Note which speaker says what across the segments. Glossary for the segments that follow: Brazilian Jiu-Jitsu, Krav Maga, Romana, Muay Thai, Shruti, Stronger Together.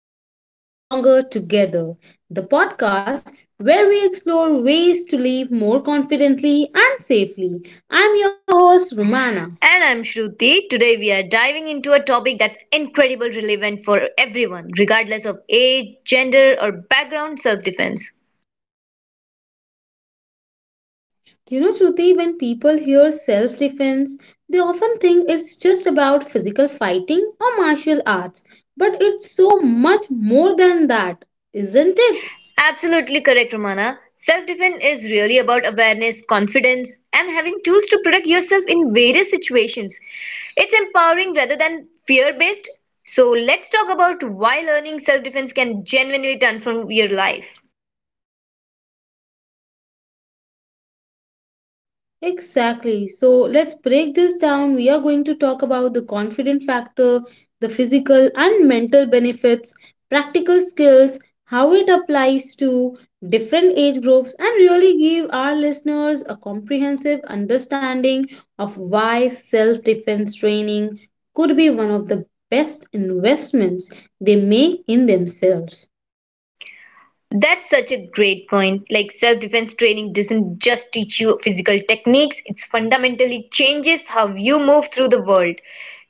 Speaker 1: Welcome back to Stronger Together, the podcast where we explore ways to live more confidently and safely. I'm your host,
Speaker 2: Anna.
Speaker 1: Romana.
Speaker 2: And I'm Shruti. Today we are diving into a topic that's incredibly relevant for everyone, regardless of age, gender, or background self defense.
Speaker 1: You know, Shruti, when people hear self defense, they often think it's just about physical fighting or martial arts, but it's so much more than that, isn't it?
Speaker 2: Absolutely correct, Romana. Self defense is really about awareness, confidence, and having tools to protect yourself in various situations. It's empowering rather than fear based. So, let's talk about why learning self defense can genuinely transform your life.
Speaker 1: Exactly. So let's break this down. We are going to talk about the confident factor, the physical and mental benefits, practical skills, how it applies to different age groups, and really give our listeners a comprehensive understanding of why self defense training could be one of the best investments they make in themselves.
Speaker 2: That's such a great point. Like self-defense training doesn't just teach you physical techniques, it fundamentally changes how you move through the world.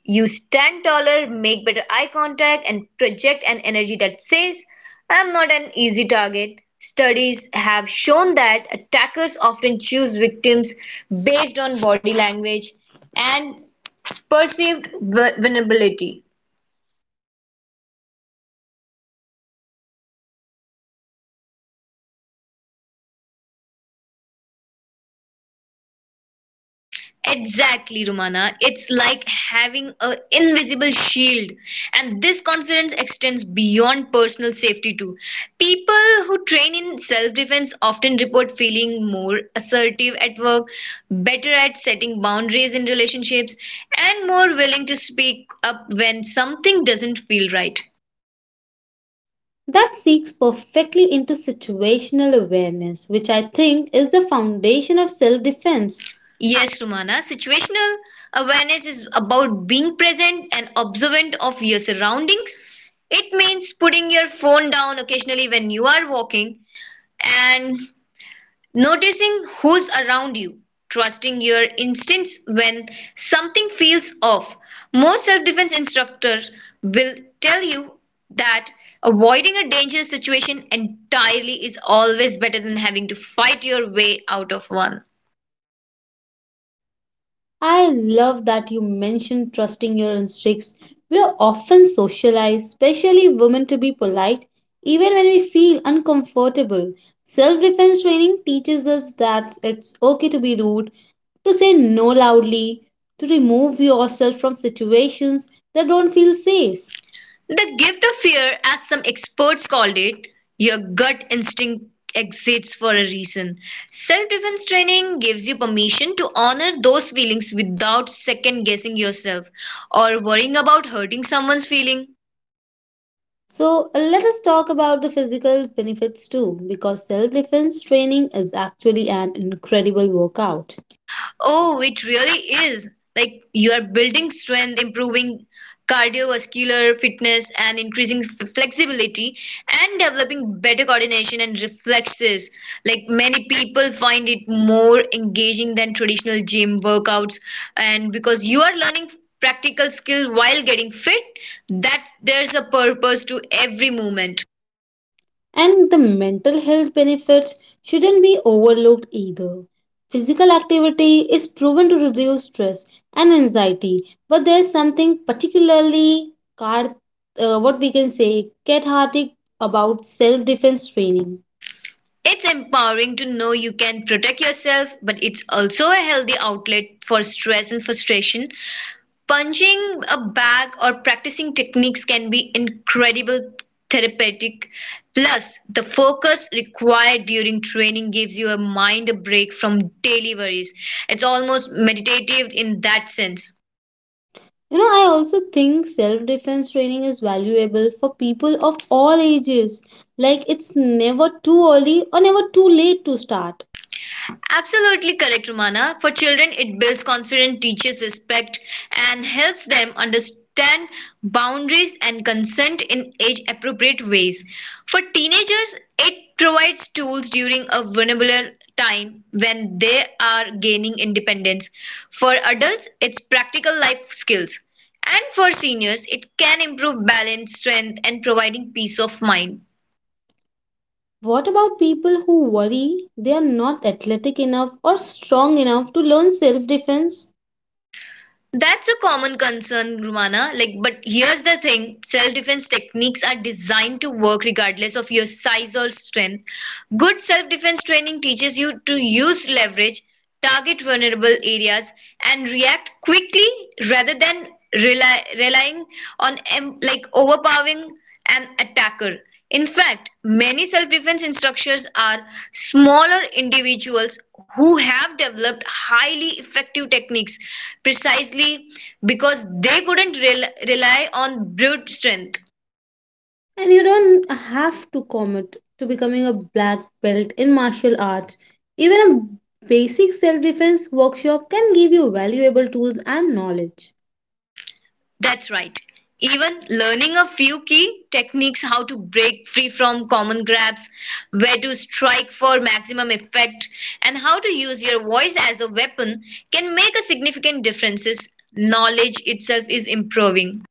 Speaker 2: You stand taller, make better eye contact, and project an energy that says, I'm not an easy target. Studies have shown that attackers often choose victims based on body language and perceived vulnerability. Exactly, Romana. It's like having an invisible shield. And this confidence extends beyond personal safety, too. People who train in self defense often report feeling more assertive at work, better at setting boundaries in relationships, and more willing to speak up when something doesn't feel right.
Speaker 1: That seeks perfectly into situational awareness, which I think is the foundation of self defense.
Speaker 2: Yes, Rumana. Situational awareness is about being present and observant of your surroundings. It means putting your phone down occasionally when you are walking and noticing who's around you, trusting your instincts when something feels off. Most self defense instructors will tell you that avoiding a dangerous situation entirely is always better than having to fight your way out of one.
Speaker 1: I love that you mentioned trusting your instincts. We are often socialized, especially women, to be polite, even when we feel uncomfortable. Self defense training teaches us that it's okay to be rude, to say no loudly, to remove yourself from situations that don't feel safe.
Speaker 2: The gift of fear, as some experts called it, your gut instinct exists for a reason. Self defense training gives you permission to honor those feelings without second guessing yourself or worrying about hurting someone's feeling.
Speaker 1: So let us talk about the physical benefits too, because self defense training is actually an incredible workout.
Speaker 2: Oh, it really is. Like you are building strength, improving cardiovascular fitness, and increasing flexibility, and developing better coordination and reflexes. Like many people find it more engaging than traditional gym workouts, and because you are learning practical skill while getting fit, that there's a purpose to every movement.
Speaker 1: And the mental health benefits shouldn't be overlooked either. Physical activity is proven to reduce stress and anxiety, but there's something particularly what we can say cathartic about self defense training.
Speaker 2: It's empowering to know you can protect yourself, but it's also a healthy outlet for stress and frustration. Punching a bag or practicing techniques can be incredible therapeutic. Plus, the focus required during training gives you a mind a break from daily worries. It's almost meditative in that sense.
Speaker 1: You know, I also think self defense training is valuable for people of all ages. Like, it's never too early or never too late to start.
Speaker 2: Absolutely correct, Romana. For children, it builds confidence, teaches respect, and helps them understand boundaries and consent in age appropriate ways. For teenagers, it provides tools during a vulnerable time when they are gaining independence. For adults, it's practical life skills. And for seniors, it can improve balance, strength, and providing peace of mind.
Speaker 1: What about people who worry they are not athletic enough or strong enough to learn self defense?
Speaker 2: That's a common concern, Rumana. Like, but here's the thing: self-defense techniques are designed to work regardless of your size or strength. Good self-defense training teaches you to use leverage, target vulnerable areas, and react quickly rather than relying on like overpowering an attacker. In fact, many self-defense instructors are smaller individuals who have developed highly effective techniques precisely because they couldn't rely on brute strength.
Speaker 1: And you don't have to commit to becoming a black belt in martial arts. Even a basic self defense workshop can give you valuable tools and knowledge.
Speaker 2: That's right. Even learning a few key techniques how to break free from common grabs, where to strike for maximum effect, and how to use your voice as a weapon can make a significant difference. Knowledge itself is improving.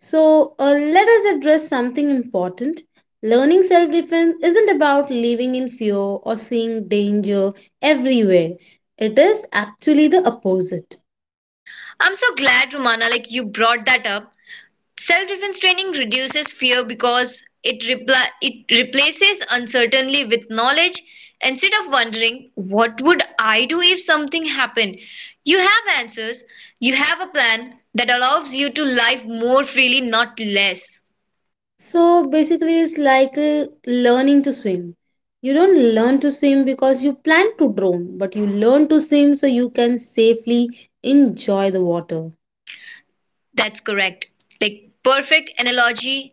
Speaker 1: So, let us address something important. Learning self defense isn't about living in fear or seeing danger everywhere, it is actually the opposite.
Speaker 2: I'm so glad, Romana, like you brought that up. Self-defense training reduces fear because it replaces uncertainty with knowledge. Instead of wondering what would I do if something happened, you have answers. You have a plan that allows you to live more freely, not less.
Speaker 1: So, basically, it's like learning to swim. You don't learn to swim because you plan to drown, but you learn to swim so you can safely enjoy the water.
Speaker 2: That's correct. Like perfect analogy.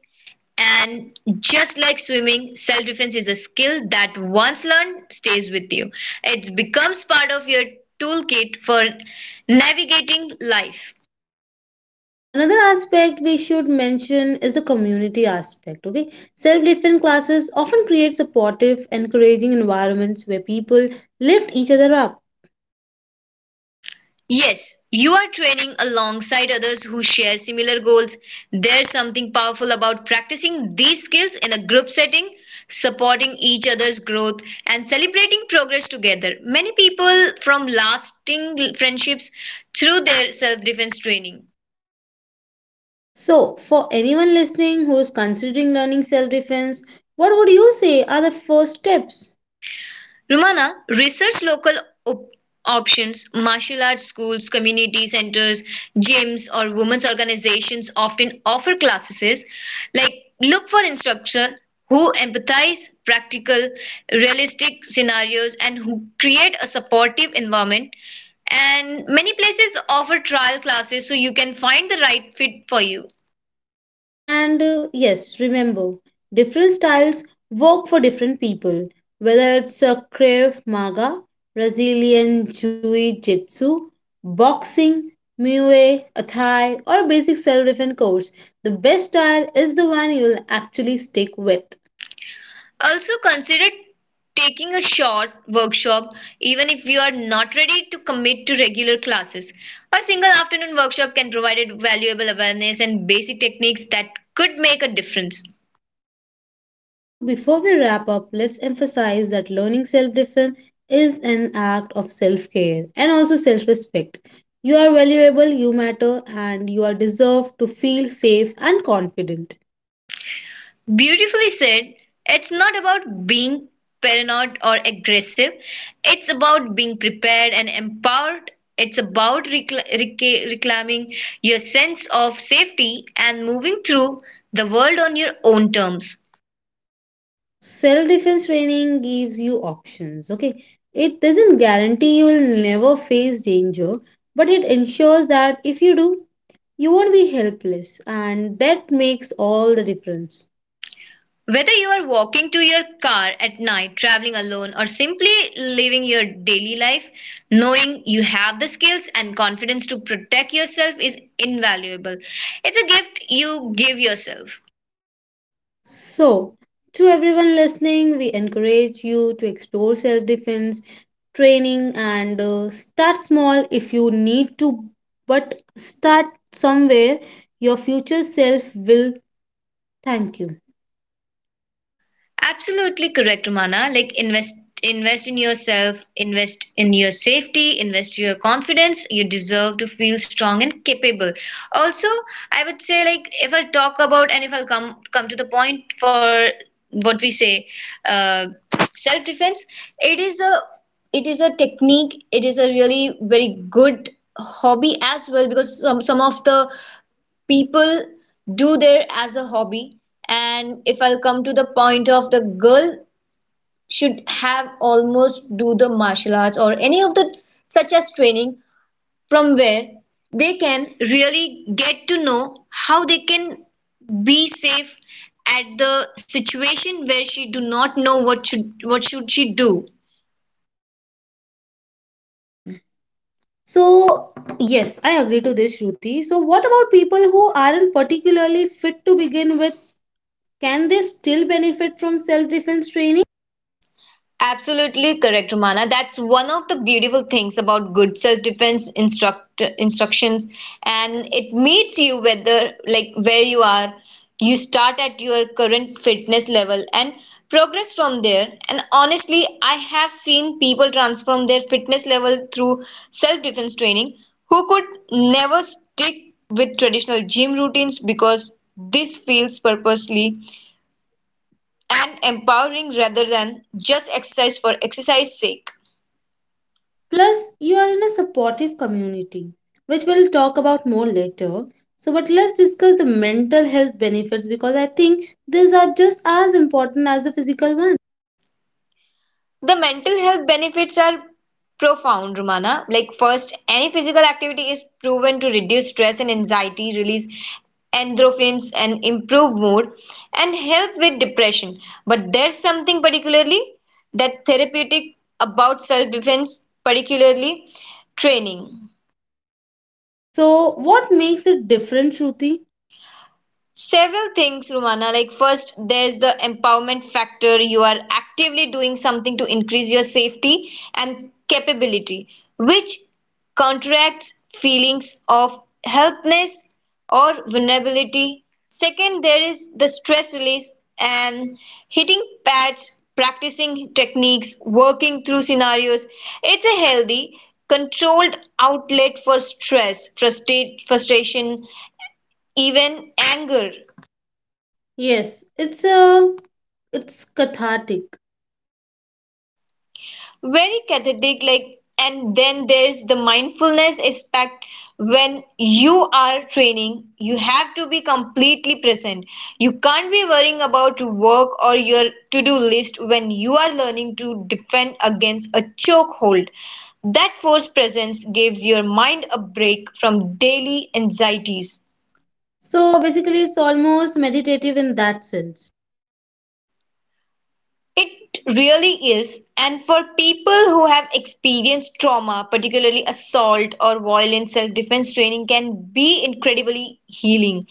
Speaker 2: And just like swimming, self defense is a skill that once learned stays with you. It becomes part of your toolkit for navigating life.
Speaker 1: Another aspect we should mention is the community aspect. Okay, self defense classes often create supportive, encouraging environments where people lift each other up.
Speaker 2: Yes, you are training alongside others who share similar goals. There's something powerful about practicing these skills in a group setting, supporting each other's growth, and celebrating progress together. Many people form lasting friendships through their self defense training.
Speaker 1: So, for anyone listening who is considering learning self defense, what would you say are the first steps?
Speaker 2: Rumana research local op- options, martial arts schools, community centers, gyms, or women's organizations often offer classes like look for instructor who empathize practical realistic scenarios and who create a supportive environment, and many places offer trial classes so you can find the right fit for you.
Speaker 1: And yes, remember, different styles work for different people, whether it's a Krav Maga, Brazilian Jiu-Jitsu, boxing, Muay Thai, or basic self-defense course. The best style is the one you'll actually stick with.
Speaker 2: Also consider taking a short workshop even if you are not ready to commit to regular classes. A single afternoon workshop can provide valuable awareness and basic techniques that could make a difference.
Speaker 1: So, before we wrap up, let's emphasize that learning self defense is an act of self care and also self respect. You are valuable, you matter, and you are deserved to feel safe and confident.
Speaker 2: Beautifully said, it's not about being paranoid or aggressive. It's about being prepared and empowered. It's about reclaiming your sense of safety and moving through the world on your own terms.
Speaker 1: Self defense training gives you options, okay? It doesn't guarantee you will never face danger, but it ensures that if you do, you won't be helpless, and that makes all the difference.
Speaker 2: Whether you are walking to your car at night, traveling alone, or simply living your daily life, knowing you have the skills and confidence to protect yourself is invaluable. It's a gift you give yourself.
Speaker 1: So, to everyone listening, we encourage you to explore self defense training and start small if you need to, but start somewhere. Your future self will thank you.
Speaker 2: Absolutely correct, Romana. Like invest in yourself, invest in your safety, invest your confidence. You deserve to feel strong and capable. Also, I would say like if I talk about and if I'll come to the point for what we say, uh, self defense. It is a technique. It is a really very good hobby as well because some of the people do there as a hobby, and if I'll come to the point of the girl should have almost do the martial arts or any of the such as training from where they can really get to know how they can be safe at the situation where she do not know what should she do.
Speaker 1: So, yes, I agree to this, Shruti. So, what about people who aren't particularly fit to begin with? Can they still benefit from self defense training?
Speaker 2: Absolutely correct, Romana. That's one of the beautiful things about good self-defense instructions, and it meets you whether like where you are. You start at your current fitness level and progress from there. And honestly, I have seen people transform their fitness level through self-defense training who could never stick with traditional gym routines because this feels purposely and empowering rather than just exercise for exercise sake.
Speaker 1: Plus, you are in a supportive community, which we'll talk about more later. So, but let's discuss the mental health benefits because I think these are just as important as the physical ones.
Speaker 2: The mental health benefits are profound, Romana. Like first, any physical activity is proven to reduce stress and anxiety, release endorphins and improve mood and help with depression. But there's something particularly that therapeutic about self-defense, particularly training.
Speaker 1: So, what makes it different, Shruti?
Speaker 2: Several things, Rumana. Like, first, there's the empowerment factor. You are actively doing something to increase your safety and capability, which contracts feelings of helplessness or vulnerability. Second, there is the stress release and hitting pads, practicing techniques, working through scenarios. It's a healthy, controlled outlet for stress, frustration, even anger.
Speaker 1: Yes, it's a it's cathartic.
Speaker 2: Very cathartic, like, and then there's the mindfulness aspect. When you are training, you have to be completely present. You can't be worrying about work or your to-do list when you are learning to defend against a chokehold. That forced presence gives your mind a break from daily anxieties.
Speaker 1: So basically, it's almost meditative in that sense.
Speaker 2: It really is, and for people who have experienced trauma, particularly assault or violence, self defense training can be incredibly healing.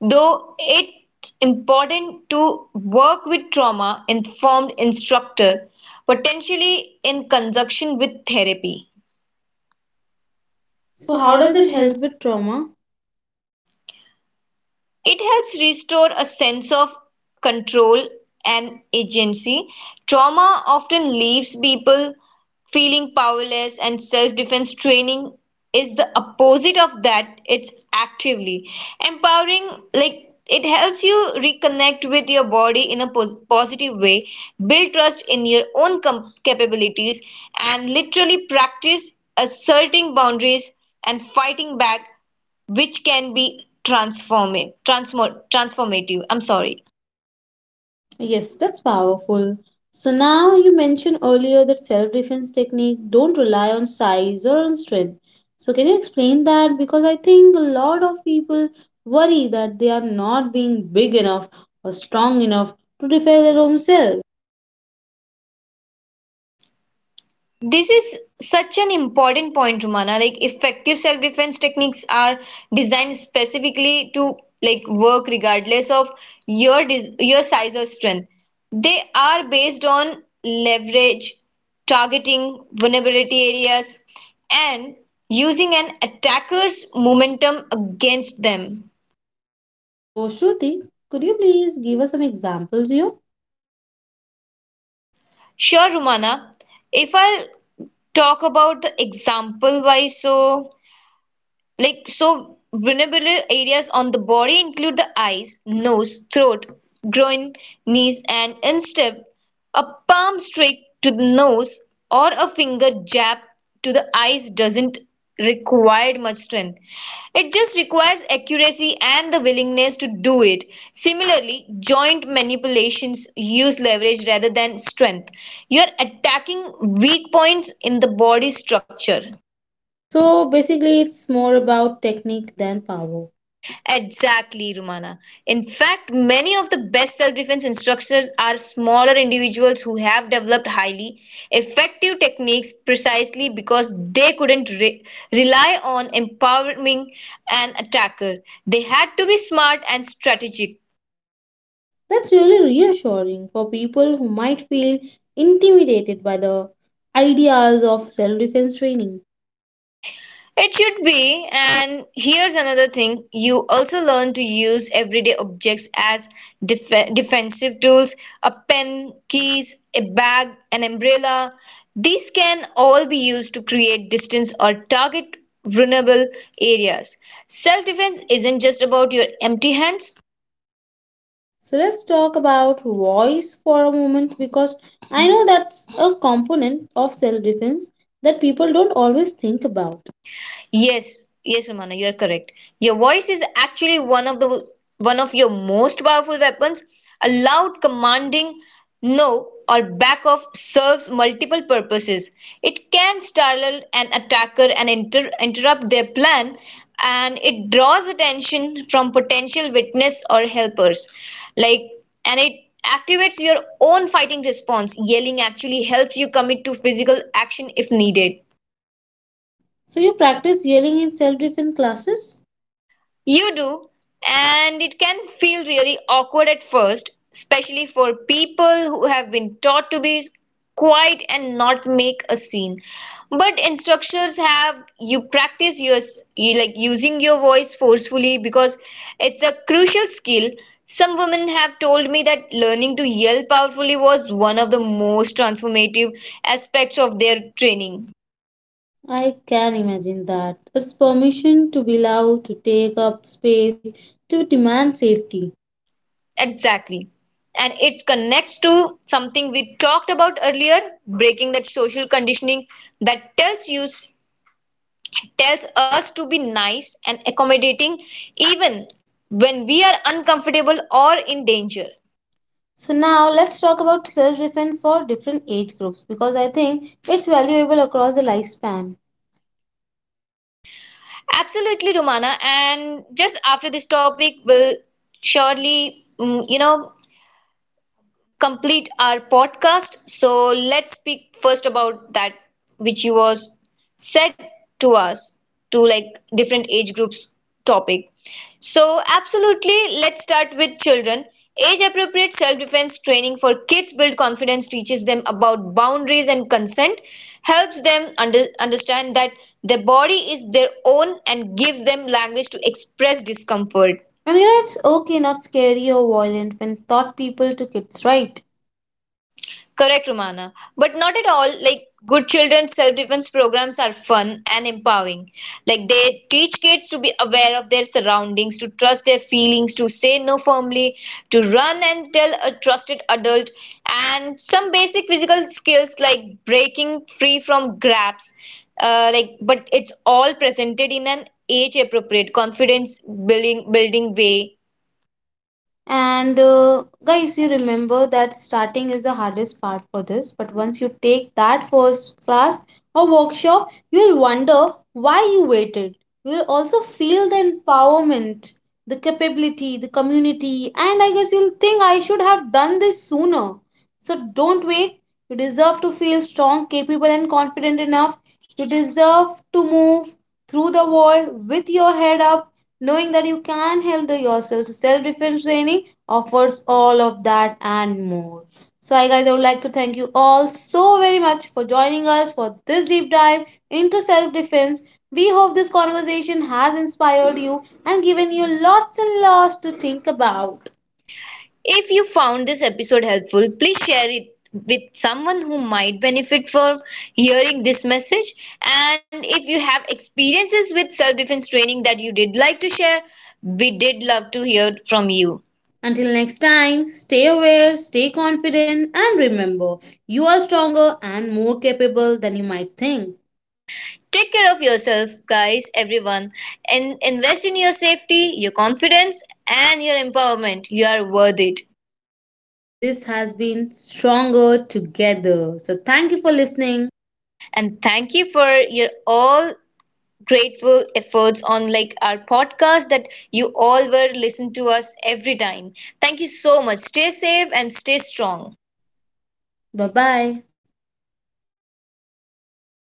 Speaker 2: Though it's important to work with trauma informed instructor, potentially in conjunction with therapy. So,
Speaker 1: So,
Speaker 2: how
Speaker 1: how
Speaker 2: does
Speaker 1: does
Speaker 2: it
Speaker 1: it
Speaker 2: help?
Speaker 1: help with trauma?
Speaker 2: It helps restore a sense of control and agency. Trauma often leaves people feeling powerless, and self defense training is the opposite of that. It's actively empowering, like it helps you reconnect with your body in a positive way, build trust in your own capabilities, and literally practice asserting boundaries and fighting back, which can be transformative. I'm sorry.
Speaker 1: Yes, that's powerful. So now you mentioned earlier that self defense technique don't rely on size or on strength. So can you explain that because I think a lot of people worry that they are not being big enough or strong enough to defend their own self.
Speaker 2: This is such an important point, Romana. Like effective self defense techniques are designed specifically to like work regardless of your your size or strength. They are based on leverage, targeting vulnerability areas, and using an attacker's momentum against them.
Speaker 1: So Shruti, could you please give us some examples here?
Speaker 2: Sure, Rumana. If I'll talk about the example wise, so, vulnerable areas on the body include the eyes, nose, throat, groin, knees, and instep. A palm strike to the nose or a finger jab to the eyes doesn't require much strength. It just requires accuracy and the willingness to do it. Similarly, joint manipulations use leverage rather than strength. You are attacking weak points in the body structure.
Speaker 1: So basically it's more about technique than power.
Speaker 2: Exactly, Rumana. In fact, many of the best self defense instructors are smaller individuals who have developed highly effective techniques precisely because they couldn't rely on empowering an attacker. They had to be smart and strategic.
Speaker 1: That's really reassuring for people who might feel intimidated by the ideas of self defense training.
Speaker 2: It should be, and here's another thing: you also learn to use everyday objects as defensive tools, a pen, keys, a bag, an umbrella. These can all be used to create distance or target vulnerable areas. Self defense isn't just about your empty hands.
Speaker 1: So let's talk about voice for a moment because I know that's a component of self defense that people don't always think about.
Speaker 2: Yes, yes, Romana, you're correct. Your voice is actually one of your most powerful weapons. A loud commanding no or back off serves multiple purposes. It can startle an attacker and interrupt their plan, and it draws attention from potential witness or helpers. Like and it activates your own fighting response. Yelling actually helps you commit to physical action if needed.
Speaker 1: So you practice yelling in self defense classes?
Speaker 2: You do, and it can feel really awkward at first, especially for people who have been taught to be quiet and not make a scene. But instructors have you practice your you like using your voice forcefully because it's a crucial skill. Some women have told me that learning to yell powerfully was one of the most transformative aspects of their training.
Speaker 1: I can imagine that. It's permission to be loud, to take up space, to demand safety.
Speaker 2: Exactly. And it connects to something we talked about earlier, breaking that social conditioning that tells us to be nice and accommodating even when we are uncomfortable or in danger.
Speaker 1: So now let's talk about self-defense for different age groups because I think it's valuable across the lifespan.
Speaker 2: Absolutely, Romana. And just after this topic, we'll surely, you know, complete our podcast. So let's speak first about that which you was said to us to like different age groups topic. So absolutely, let's start with children. Age appropriate self defense training for kids build confidence, teaches them about boundaries and consent, helps them understand that their body is their own and gives them language to express discomfort.
Speaker 1: And you know it's okay, not scary or violent when taught people to kids, right?
Speaker 2: Correct, Romana. But not at all. Like good children's self-defense programs are fun and empowering. Like they teach kids to be aware of their surroundings, to trust their feelings, to say no firmly, to run and tell a trusted adult, and some basic physical skills like breaking free from grabs. But it's all presented in an age-appropriate, confidence-building building building way.
Speaker 1: And guys, you remember that starting is the hardest part for this, but once you take that first class or workshop, you'll wonder why you waited. You'll also feel the empowerment, the capability, the community, and I guess you'll think I should have done this sooner. So don't wait. You deserve to feel strong, capable, and confident enough. You deserve to move through the world with your head up knowing that you can handle yourself. So self-defense training offers all of that and more. So, I guys, I would like to thank you all so very much for joining us for this deep dive into self defense. We hope this conversation has inspired you and given you lots and lots to think about.
Speaker 2: If you found this episode helpful, please share it with someone who might benefit from hearing this message. And if you have experiences with self defense training that you did like to share, we did love to hear from you.
Speaker 1: Until next time, stay aware, stay confident, and remember you are stronger and more capable than you might think.
Speaker 2: Take care of yourself, guys, everyone, and invest in your safety, your confidence, and your empowerment. You are worth it.
Speaker 1: This has been Stronger Together. So, thank you for listening.
Speaker 2: And thank you for your all grateful efforts on like our podcast that you all were listen to us every time. Thank you so much. Stay safe and stay strong.
Speaker 1: Bye bye.